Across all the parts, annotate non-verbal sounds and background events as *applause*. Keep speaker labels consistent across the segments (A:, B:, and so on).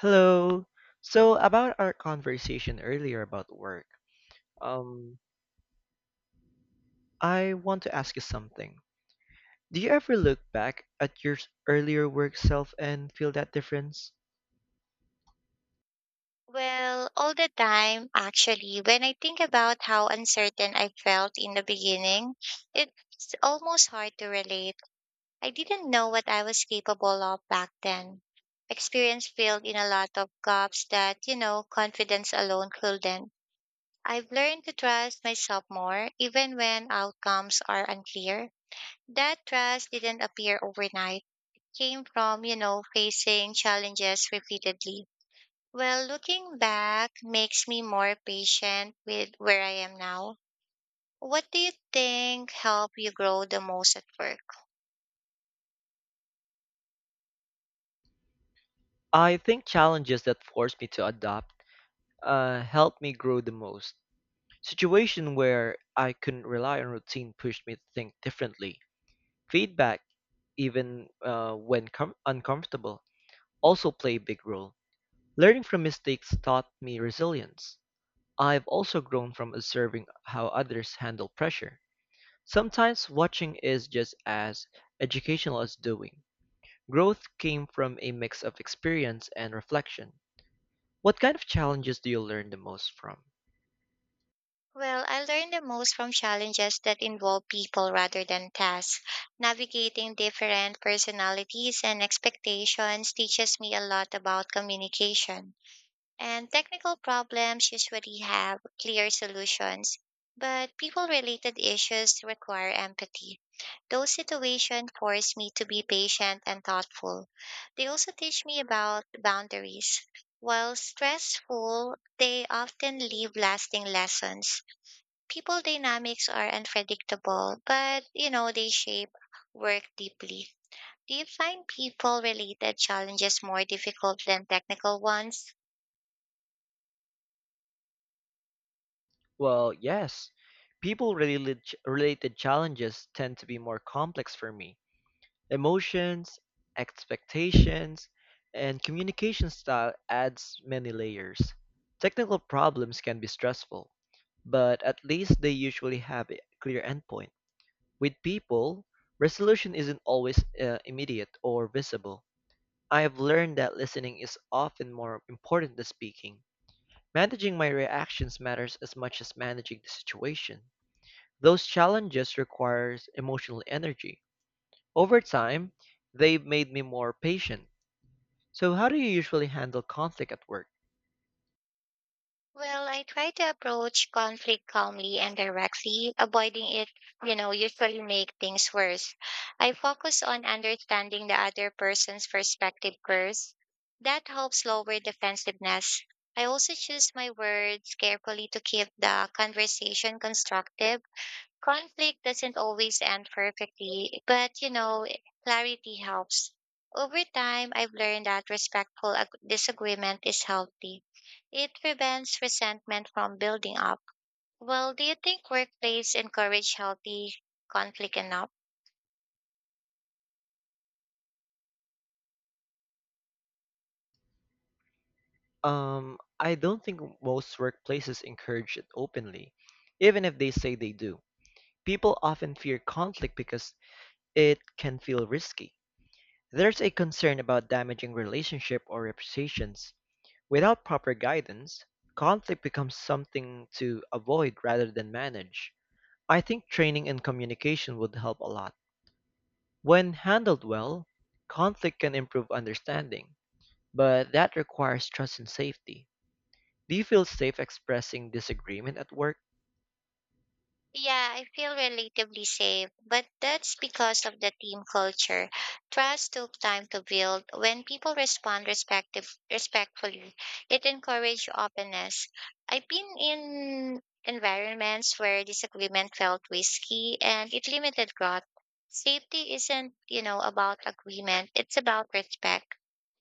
A: Hello. So about our conversation earlier about work, um, I want to ask you something. Do you ever look back at your earlier work self and feel that difference?
B: Well, all the time, actually, when I think about how uncertain I felt in the beginning, it's almost hard to relate. I didn't know what I was capable of back then. Experience filled in a lot of gaps that confidence alone couldn't. I've learned to trust myself more, even when outcomes are unclear. That trust didn't appear overnight, came from facing challenges repeatedly. Well, looking back makes me more patient with where I am now. What do you think helped you grow the most at work?
A: I think challenges that forced me to adapt helped me grow the most. Situation where I couldn't rely on routine pushed me to think differently. Feedback, even when uncomfortable, also play a big role. Learning from mistakes taught me resilience. I've also grown from observing how others handle pressure. Sometimes watching is just as educational as doing. Growth came from a mix of experience and reflection. What kind of challenges do you learn the most from?
B: Well, I learned the most from challenges that involve people rather than tasks. Navigating different personalities and expectations teaches me a lot about communication. And technical problems usually have clear solutions, but people related issues require empathy. Those situations force me to be patient and thoughtful. They also teach me about boundaries. While stressful, they often leave lasting lessons. People dynamics are unpredictable, but they shape work deeply. Do you find people related challenges more difficult than technical ones?
A: Well, yes. People related, challenges tend to be more complex for me. Emotions, expectations, and communication style adds many layers. Technical problems can be stressful, but at least they usually have a clear endpoint. With people, resolution isn't always immediate or visible. I have learned that listening is often more important than speaking. Managing my reactions matters as much as managing the situation. Those challenges requires emotional energy over time, they've made me more patient. So, how do you usually handle conflict at work?
B: Well, I try to approach conflict calmly and directly. Avoiding it usually make things worse. I focus on understanding the other person's perspective first. That helps lower defensiveness. I also choose my words carefully to keep the conversation constructive conflict doesn't always end perfectly, but clarity helps. Over time, I've learned that respectful disagreement is healthy. It prevents resentment from building up. Well, do you think workplace encourage healthy conflict enough?
A: I don't think most workplaces encourage it openly, even if they say they do. People often fear conflict because it can feel risky. There's a concern about damaging relationship or reputations. Without proper guidance, conflict becomes something to avoid rather than manage. I think training and communication would help a lot. When handled well, conflict can improve understanding, but that requires trust and safety. Do you feel safe expressing disagreement at work?
B: Yeah, I feel relatively safe, but that's because of the team culture. Trust took time to build. When people respond respectfully, it encourages openness. I've been in environments where disagreement felt risky and it limited growth. Safety isn't about agreement, it's about respect.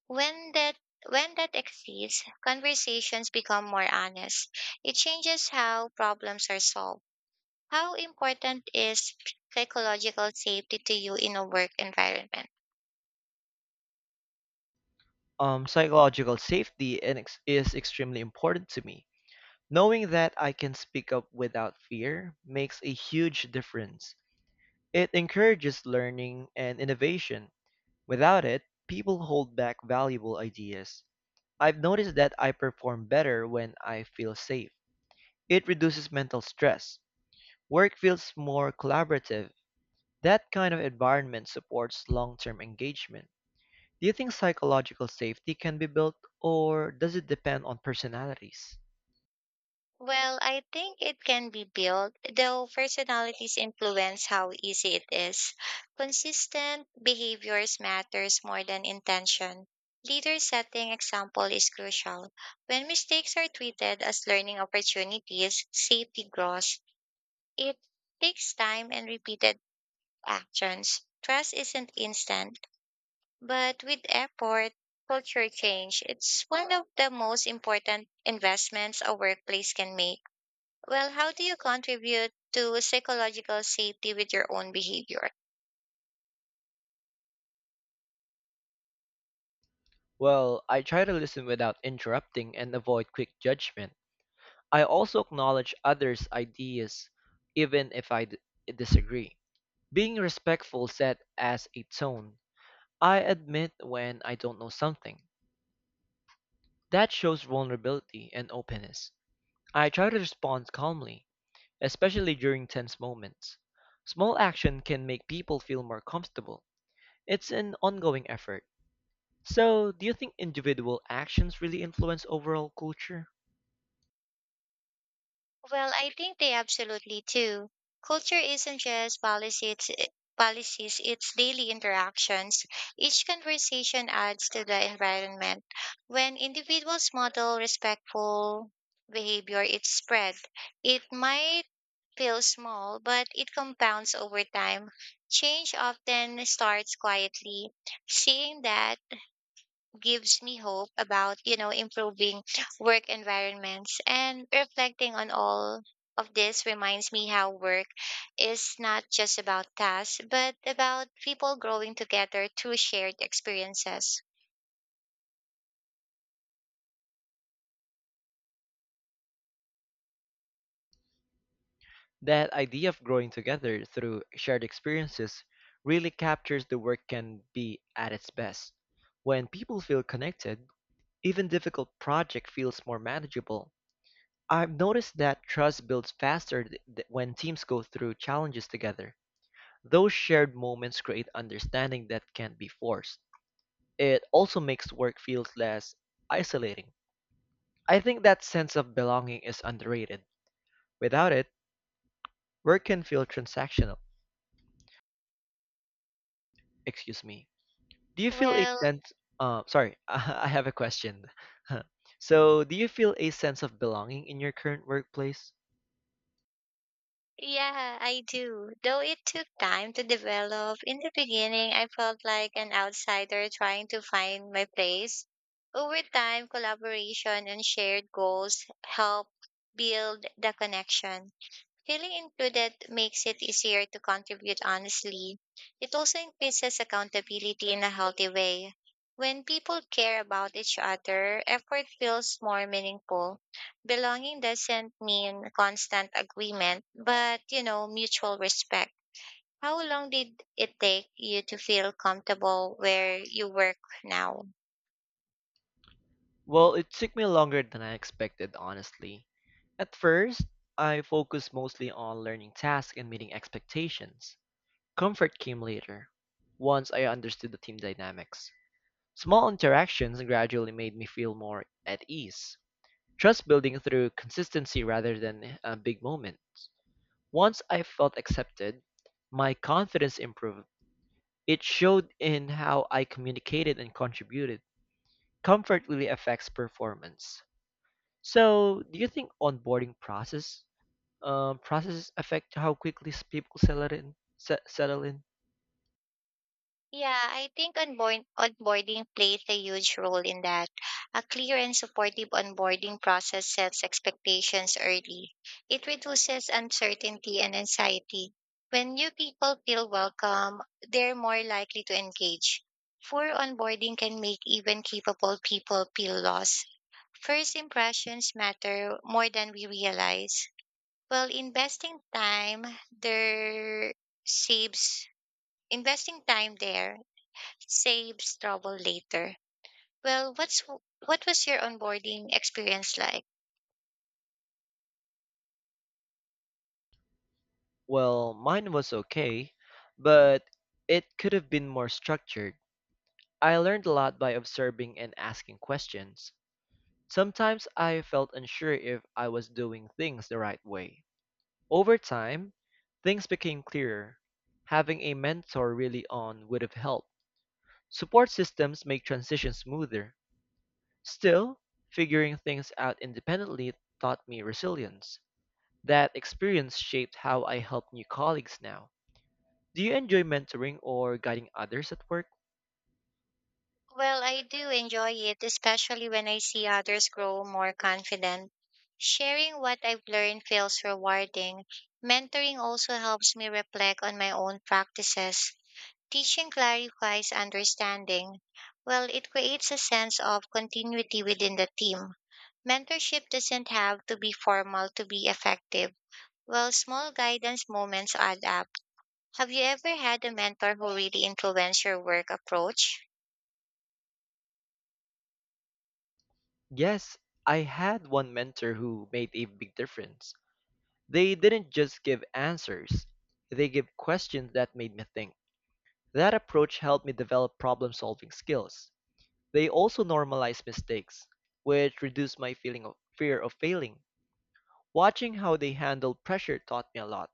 B: When that when that exceeds, conversations become more honest. It changes how problems are solved. How important is psychological safety to you in a work environment?
A: Psychological safety and is extremely important to me. Knowing that I can speak up without fear makes a huge difference. It encourages learning and innovation. Without it, people hold back valuable ideas. I've noticed that I perform better when I feel safe. It reduces mental stress. Work feels more collaborative. That kind of environment supports long term engagement. Do you think psychological safety can be built, or does it depend on personalities?
B: Well, I think it can be built, though personalities influence how easy it is. Consistent behaviors matters more than intention. Leader setting example is crucial. When mistakes are treated as learning opportunities, safety grows. It takes time and repeated actions. Trust isn't instant. But with effort, culture change, it's one of the most important investments a workplace can make. Well, how do you contribute to psychological safety with your own behavior?
A: Well, I try to listen without interrupting and avoid quick judgment. I also acknowledge others' ideas, even if disagree. Being respectful set as a tone. I admit when I don't know something. That shows vulnerability and openness. I try to respond calmly, especially during tense moments. Small action can make people feel more comfortable. It's an ongoing effort. So, do you think individual actions really influence overall culture?
B: Well, I think they absolutely do. Culture isn't just policies, it's daily interactions. Each conversation adds to the environment. When individuals model respectful behavior, it's spread. It might feels small, but it compounds over time. Change often starts quietly. Seeing that gives me hope about improving work environments and reflecting on all of this reminds me how work is not just about tasks, but about people growing together through shared experiences.
A: That idea of growing together through shared experiences really captures the work can be at its best. When people feel connected, even difficult project feels more manageable. I've noticed that trust builds faster when teams go through challenges together. Those shared moments create understanding that can't be forced. It also makes work feel less isolating. I think that sense of belonging is underrated. Without it, work can feel transactional. Excuse me. Do you feel a
B: Well,
A: sense? Sorry, *laughs* I have a question. *laughs* So, do you feel a sense of belonging in your current workplace?
B: yeah, I do. Though it took time to develop, in the beginning, I felt like an outsider trying to find my place. Over time, collaboration and shared goals help build the connection. Feeling included makes it easier to contribute honestly. It also increases accountability in a healthy way. When people care about each other, effort feels more meaningful. Belonging doesn't mean constant agreement, but mutual respect. How long did it take you to feel comfortable where you work now?
A: Well, it took me longer than I expected, honestly. At first, I focused mostly on learning tasks and meeting expectations. Comfort came later, once I understood the team dynamics. Small interactions gradually made me feel more at ease. Trust building through consistency rather than big moments. Once I felt accepted, my confidence improved. It showed in how I communicated and contributed. Comfort really affects performance. So, do you think onboarding process processes affect how quickly people settle in? Settle in?
B: Yeah, I think onboarding plays a huge role in that. A clear and supportive onboarding process sets expectations early. It reduces uncertainty and anxiety. When new people feel welcome, they're more likely to engage. Poor onboarding can make even capable people feel lost. First impressions matter more than we realize. Well, there saves investing time there saves trouble later. Well, what was your onboarding experience like?
A: Well, mine was okay, but it could have been more structured. I learned a lot by observing and asking questions. Sometimes I felt unsure if I was doing things the right way. Over time, things became clearer. Having a mentor really on would have helped. Support systems make transitions smoother. Still, figuring things out independently taught me resilience. That experience shaped how I help new colleagues now. Do you enjoy mentoring or guiding others at work?
B: Well, I do enjoy it, especially when I see others grow more confident. Sharing what I've learned feels rewarding. Mentoring also helps me reflect on my own practices. Teaching clarifies understanding. Well, it creates a sense of continuity within the team. Mentorship doesn't have to be formal to be effective. Well, small guidance moments add up. Have you ever had a mentor who really influenced your work approach?
A: Yes, I had one mentor who made a big difference. They didn't just give answers, they gave questions that made me think. That approach helped me develop problem solving skills. They also normalized mistakes, which reduced my feeling of fear of failing. Watching how they handled pressure taught me a lot.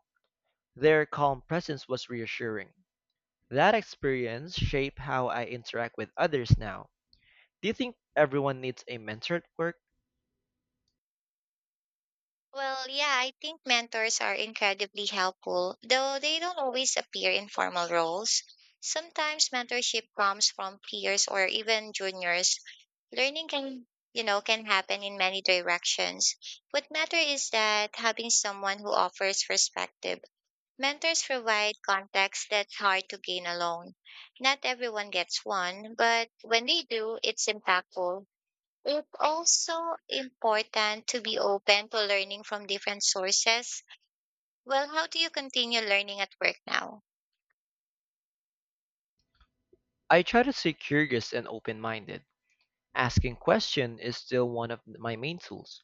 A: Their calm presence was reassuring. That experience shaped how I interact with others now. Do you think everyone needs a mentor at work?
B: Well, yeah, I think mentors are incredibly helpful, though they don't always appear in formal roles. Sometimes mentorship comes from peers or even juniors. Learning can happen in many directions. What matters is that having someone who offers perspective. Mentors provide context that's hard to gain alone. Not everyone gets one, but when they do, it's impactful. It's also important to be open to learning from different sources. Well, how do you continue learning at work now?
A: I try to stay curious and open-minded. Asking questions is still one of my main tools.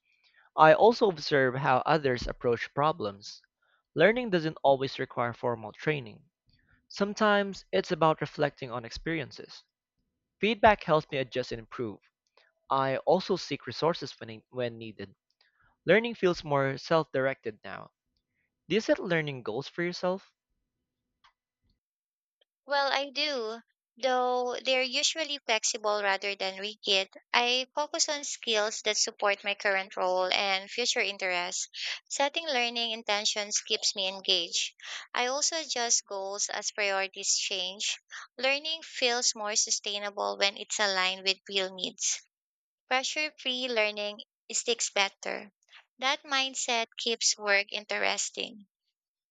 A: I also observe how others approach problems. Learning doesn't always require formal training. Sometimes it's about reflecting on experiences. Feedback helps me adjust and improve. I also seek resources when needed. Learning feels more self-directed now. Do you set learning goals for yourself?
B: Well, I do, though they're usually flexible rather than rigid. I focus on skills that support my current role and future interests. Setting learning intentions keeps me engaged. I also adjust goals as priorities change. Learning feels more sustainable when it's aligned with real needs. Pressure free learning sticks better. That mindset keeps work interesting.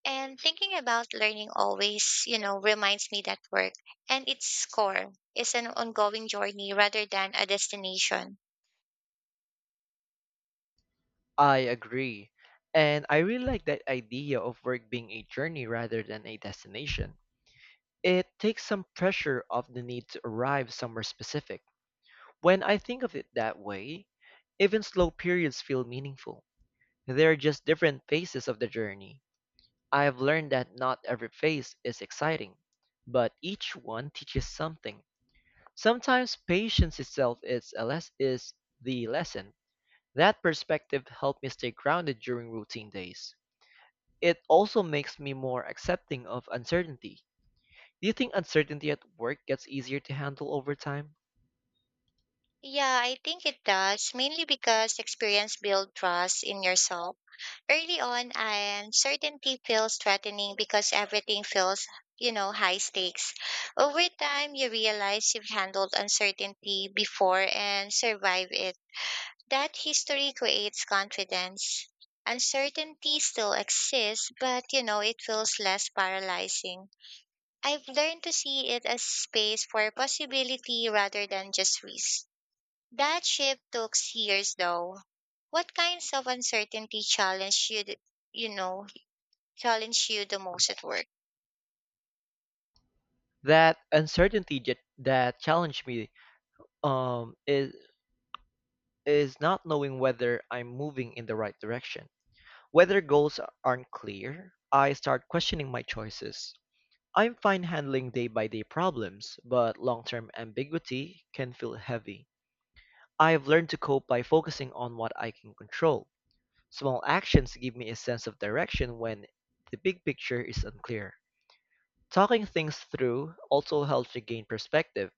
B: And thinking about learning always reminds me that work and its core is an ongoing journey rather than a destination.
A: I agree. And I really like that idea of work being a journey rather than a destination. It takes some pressure off the need to arrive somewhere specific. When I think of it that way, even slow periods feel meaningful. They are just different phases of the journey. I have learned that not every phase is exciting, but each one teaches something. Sometimes patience itself is the lesson. That perspective helped me stay grounded during routine days. It also makes me more accepting of uncertainty. Do you think uncertainty at work gets easier to handle over time?
B: Yeah, I think it does, mainly because experience builds trust in yourself. Early on, and certainty feels threatening because everything feels high stakes. Over time, you realize you've handled uncertainty before and survived it. That history creates confidence. Uncertainty still exists, but it feels less paralyzing. I've learned to see it as space for possibility rather than just risk. That shift took years, though. What kinds of uncertainty you know, challenge you the most at work?
A: That uncertainty that challenged me um, is, is not knowing whether I'm moving in the right direction. Whether goals aren't clear, I start questioning my choices. I'm fine handling day by day problems, but long term ambiguity can feel heavy. I've learned to cope by focusing on what I can control. Small actions give me a sense of direction when the big picture is unclear. Talking things through also helps me gain perspective.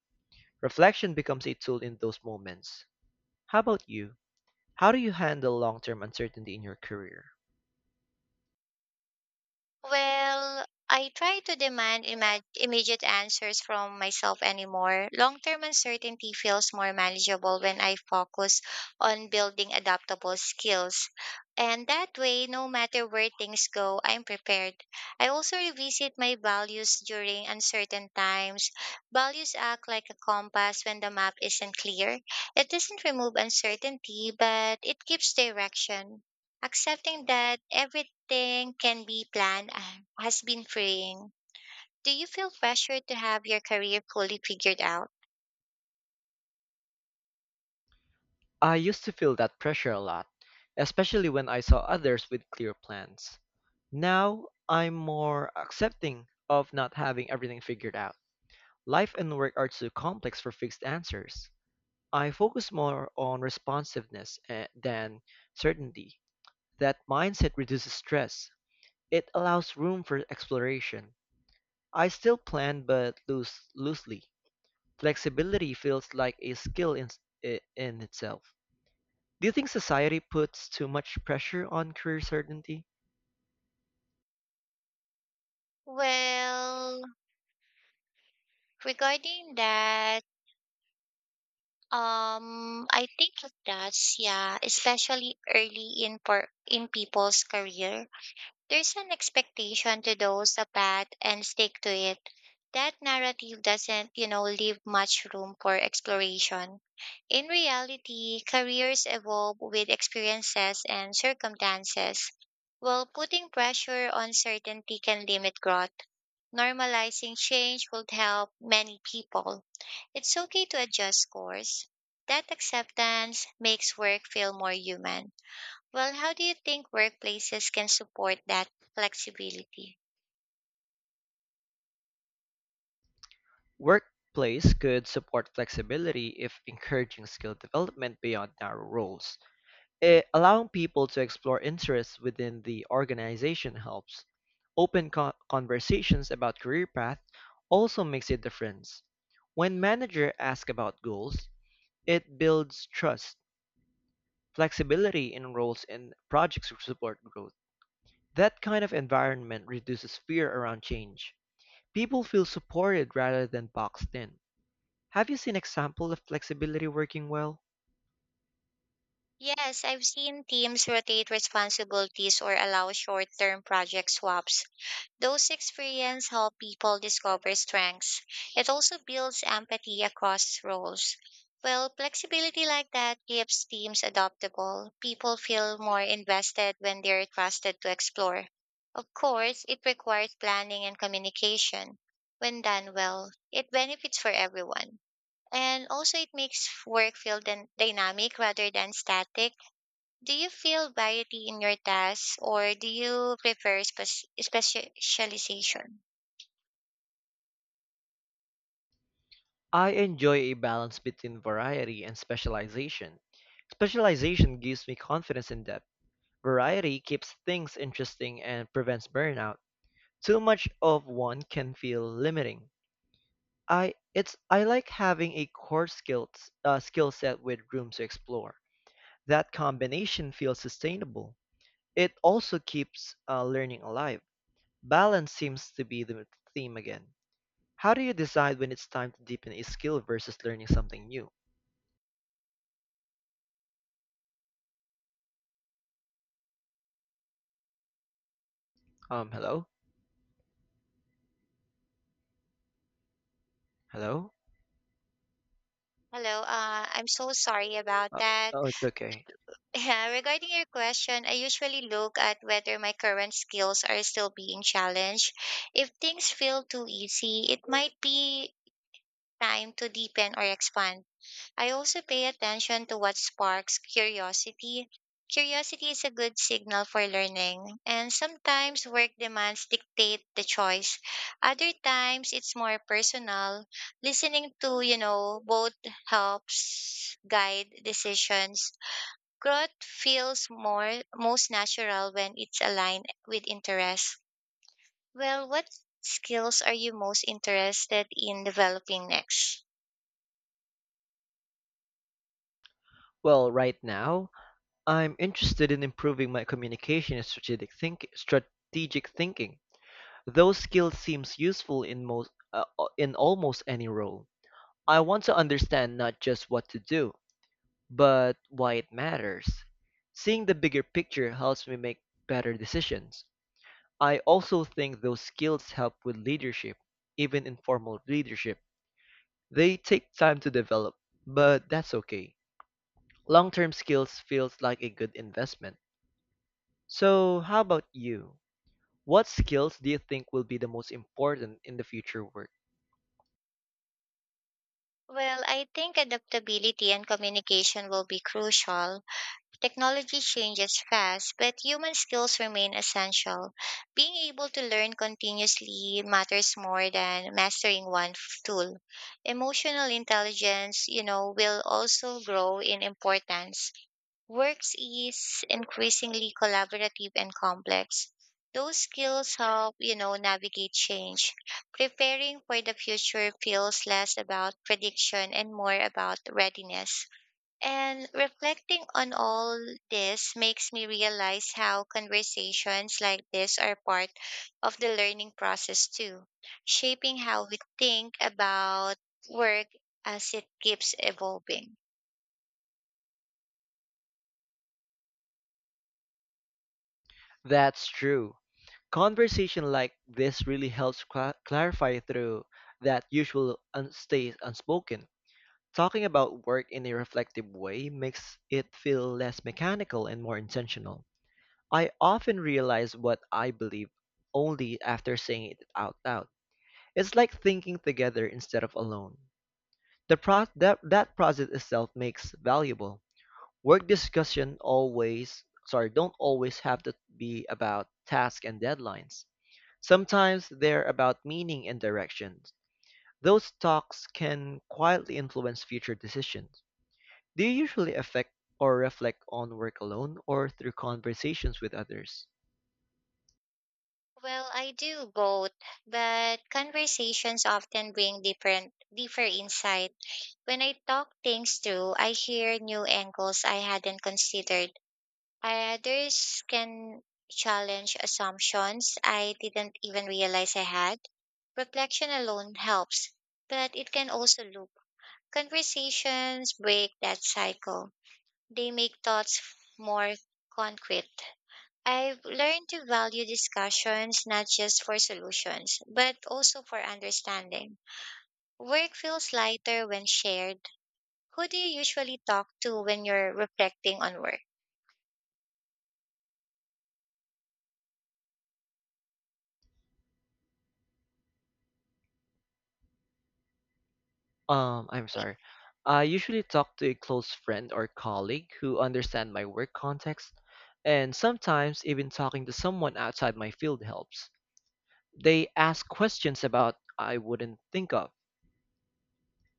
A: Reflection becomes a tool in those moments. How about you? How do you handle long term uncertainty in your career?
B: Well, I try to demand immediate answers from myself anymore. Long term uncertainty feels more manageable when I focus on building adaptable skills. And that way, no matter where things go, I'm prepared. I also revisit my values during uncertain times. Values act like a compass when the map isn't clear. It doesn't remove uncertainty, but it gives direction accepting that every thing can be planned has been freeing. Do you feel pressure to have your career fully figured out?
A: I used to feel that pressure a lot, especially when I saw others with clear plans. Now I'm more accepting of not having everything figured out. Life and work are too complex for fixed answers. I focus more on responsiveness than certainty. That mindset reduces stress. It allows room for exploration. I still plan but loosely. Flexibility feels like a skill in itself. Do you think society puts too much pressure on career certainty?
B: Well, regarding that, I think it does. Yeah, especially early in for in people's career. There's an expectation to those a path and stick to it. That narrative doesn't leave much room for exploration. In reality, careers evolve with experiences and circumstances, while putting pressure on certainty can limit growth. Normalizing change would help many people. It's okay to adjust course. That acceptance makes work feel more human. Well, how do you think workplaces can support that flexibility?
A: Workplace could support flexibility if encouraging skill development beyond narrow roles. Allowing people to explore interests within the organization helps. Open conversations about career path also makes a difference. When manager ask about goals, it builds trust, flexibility in roles and projects to support growth. That kind of environment reduces fear around change. People feel supported rather than boxed in. Have you seen example of flexibility working well?
B: Yes, I've seen teams rotate responsibilities or allow short term project swaps. Those experiences help people discover strengths. It also builds empathy across roles. Well, flexibility like that keeps teams adaptable. People feel more invested when they're trusted to explore. Of course, it requires planning and communication. When done well, it benefits for everyone. And also, it makes work feel dynamic rather than static. Do you feel variety in your tasks or do you prefer specialization?
A: I enjoy a balance between variety and specialization. Specialization gives me confidence and depth. Variety keeps things interesting and prevents burnout. Too much of one can feel limiting. I like having a core skill skill set with room to explore. That combination feels sustainable. It also keeps learning alive. Balance seems to be the theme again. How do you decide when it's time to deepen a skill versus learning something new? Hello? Hello?
B: Hello, I'm so sorry about
A: Uh,
B: that.
A: oh,
B: *laughs*
A: it's okay.
B: Yeah, regarding your question, I usually look at whether my current skills are still being challenged. If things feel too easy, it might be time to deepen or expand. I also pay attention to what sparks curiosity. Curiosity is a good signal for learning, and sometimes work demands dictate the choice. Other times it's more personal. Listening to both helps guide decisions. Growth feels more most natural when it's aligned with interest. Well, what skills are you most interested in developing next?
A: Well, right now, I'm interested in improving my communication and strategic thinking. Those skills seems useful in most in almost any role. I want to understand not just what to do, but why it matters. Seeing the bigger picture helps me make better decisions. I also think those skills help with leadership, even informal leadership. They take time to develop, but that's okay. Long-term skills feels like a good investment. So, how about you? What skills do you think will be the most important in the future work?
B: Well, I think adaptability and communication will be crucial. Technology changes fast, but human skills remain essential. Being able to learn continuously matters more than mastering one tool. Emotional intelligence will also grow in importance. Works is increasingly collaborative and complex. Those skills help navigate change. Preparing for the future feels less about prediction and more about readiness. And reflecting on all this makes me realize how conversations like this are part of the learning process too, shaping how we think about work as it keeps evolving.
A: That's true. Conversation like this really helps clarify through that usual stays unspoken. Talking about work in a reflective way makes it feel less mechanical and more intentional. I often realize what I believe only after saying it out loud. It's like thinking together instead of alone. That process itself makes valuable. Work discussion always, sorry, don't always have to be about tasks and deadlines. Sometimes they're about meaning and directions. Those talks can quietly influence future decisions. Do you usually affect or reflect on work alone or through conversations with others?
B: Well, I do both, but conversations often bring different deeper insight. When I talk things through, I hear new angles I hadn't considered. Others can challenge assumptions I didn't even realize I had. Reflection alone helps, but it can also loop. Conversations break that cycle. They make thoughts more concrete. I've learned to value discussions not just for solutions, but also for understanding. Work feels lighter when shared. Who do you usually talk to when you're reflecting on work?
A: I'm sorry. I usually talk to a close friend or colleague who understand my work context, and sometimes even talking to someone outside my field helps. They ask questions about I wouldn't think of.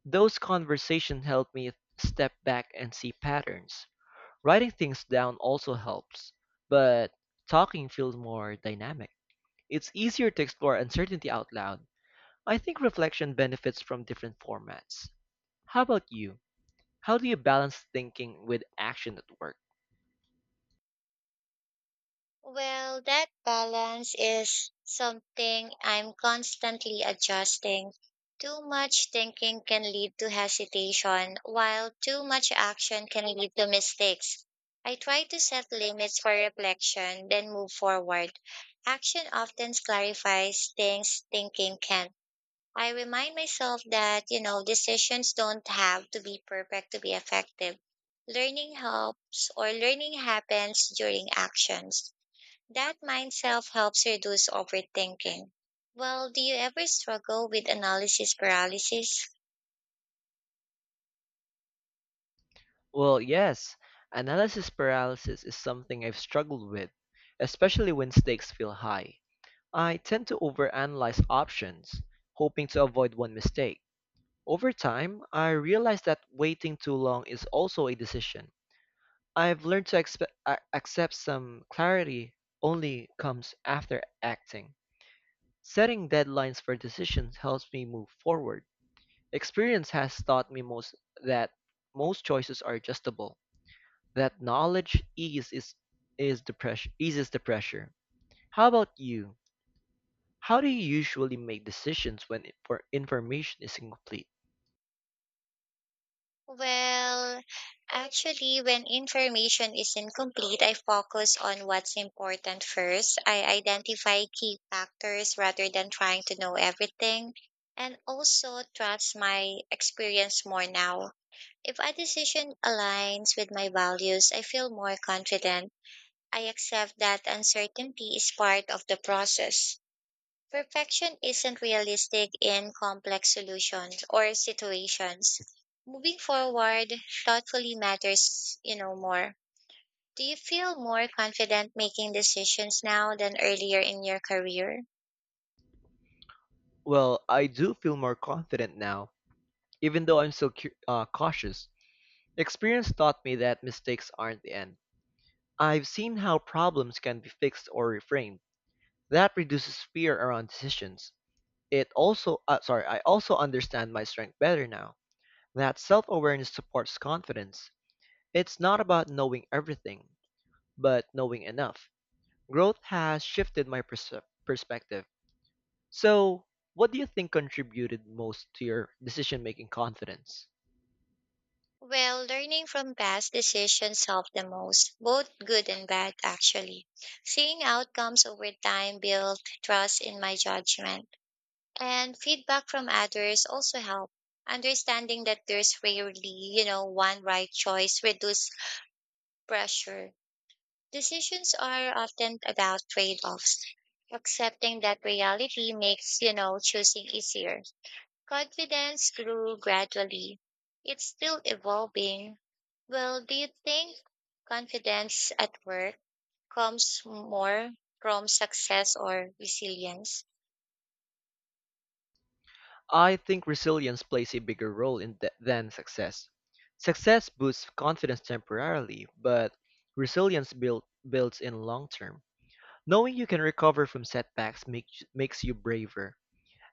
A: Those conversations help me step back and see patterns. Writing things down also helps, but talking feels more dynamic. It's easier to explore uncertainty out loud. I think reflection benefits from different formats. How about you? How do you balance thinking with action at work?
B: Well, that balance is something I'm constantly adjusting. Too much thinking can lead to hesitation, while too much action can lead to mistakes. I try to set limits for reflection, then move forward. Action often clarifies things thinking can. I remind myself that decisions don't have to be perfect to be effective. Learning helps or learning happens during actions. That mindset helps reduce overthinking. Well, do you ever struggle with analysis paralysis?
A: Well, yes, analysis paralysis is something I've struggled with, especially when stakes feel high. I tend to overanalyze options, hoping to avoid one mistake. Over time, I realized that waiting too long is also a decision. I've learned to accept some clarity only comes after acting. Setting deadlines for decisions helps me move forward. Experience has taught me most that most choices are adjustable. That knowledge eases the pressure. How about you? How do you usually make decisions when for information is incomplete?
B: Well, actually, when information is incomplete, I focus on what's important first. I identify key factors rather than trying to know everything, and also trust my experience more now. If a decision aligns with my values, I feel more confident. I accept that uncertainty is part of the process. Perfection isn't realistic in complex solutions or situations. Moving forward thoughtfully matters more. Do you feel more confident making decisions now than earlier in your career?
A: Well, I do feel more confident now, even though I'm still cautious. Experience taught me that mistakes aren't the end. I've seen how problems can be fixed or reframed. That reduces fear around decisions. I also understand my strength better now. That self-awareness supports confidence. It's not about knowing everything, but knowing enough. Growth has shifted my perspective. So, what do you think contributed most to your decision-making confidence?
B: Well, learning from past decisions help the most, both good and bad actually. Seeing outcomes over time built trust in my judgment. And feedback from others also help. Understanding that there's rarely one right choice reduce pressure. Decisions are often about trade-offs. Accepting that reality makes choosing easier. Confidence grew gradually. It's still evolving. Well, do you think confidence at work comes more from success or resilience?
A: I think resilience plays a bigger role in than success. Success boosts confidence temporarily, but resilience builds in long term. Knowing you can recover from setbacks makes you braver.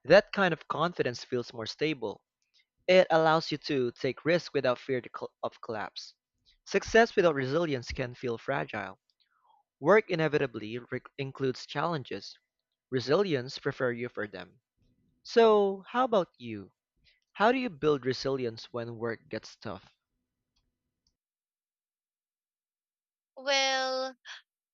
A: That kind of confidence feels more stable. It allows you to take risks without fear of collapse. Success without resilience can feel fragile. Work inevitably includes challenges. Resilience prepare you for them. So, how about you? How do you build resilience when work gets tough?
B: Well,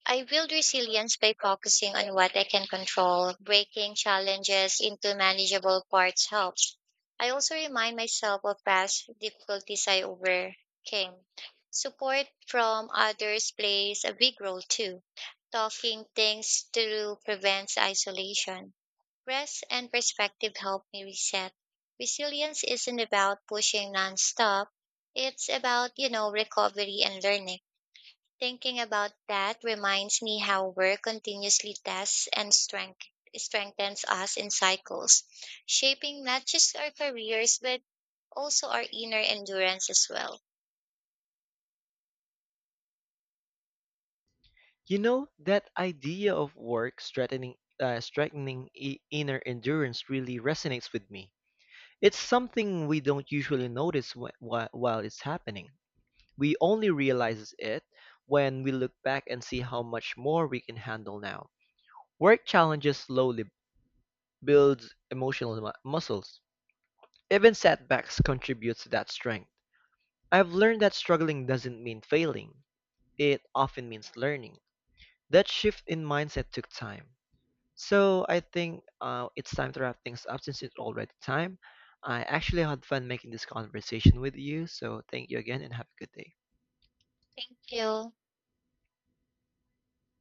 B: I build resilience by focusing on what I can control. Breaking challenges into manageable parts helps. I also remind myself of past difficulties I overcame. Support from others plays a big role too. Talking things through prevents isolation. Rest and perspective help me reset. Resilience isn't about pushing nonstop. It's about recovery and learning. Thinking about that reminds me how work continuously tests and strengthens us in cycles, shaping not just our careers, but also our inner endurance as well.
A: You know that idea of work strengthening inner endurance really resonates with me. It's something we don't usually notice while it's happening. We only realize it when we look back and see how much more we can handle now. Work challenges slowly builds emotional muscles. Even setbacks contribute to that strength. I've learned that struggling doesn't mean failing. It often means learning. That shift in mindset took time. So I think it's time to wrap things up since it's already time. I actually had fun making this conversation with you, so thank you again and have a good day.
B: Thank you.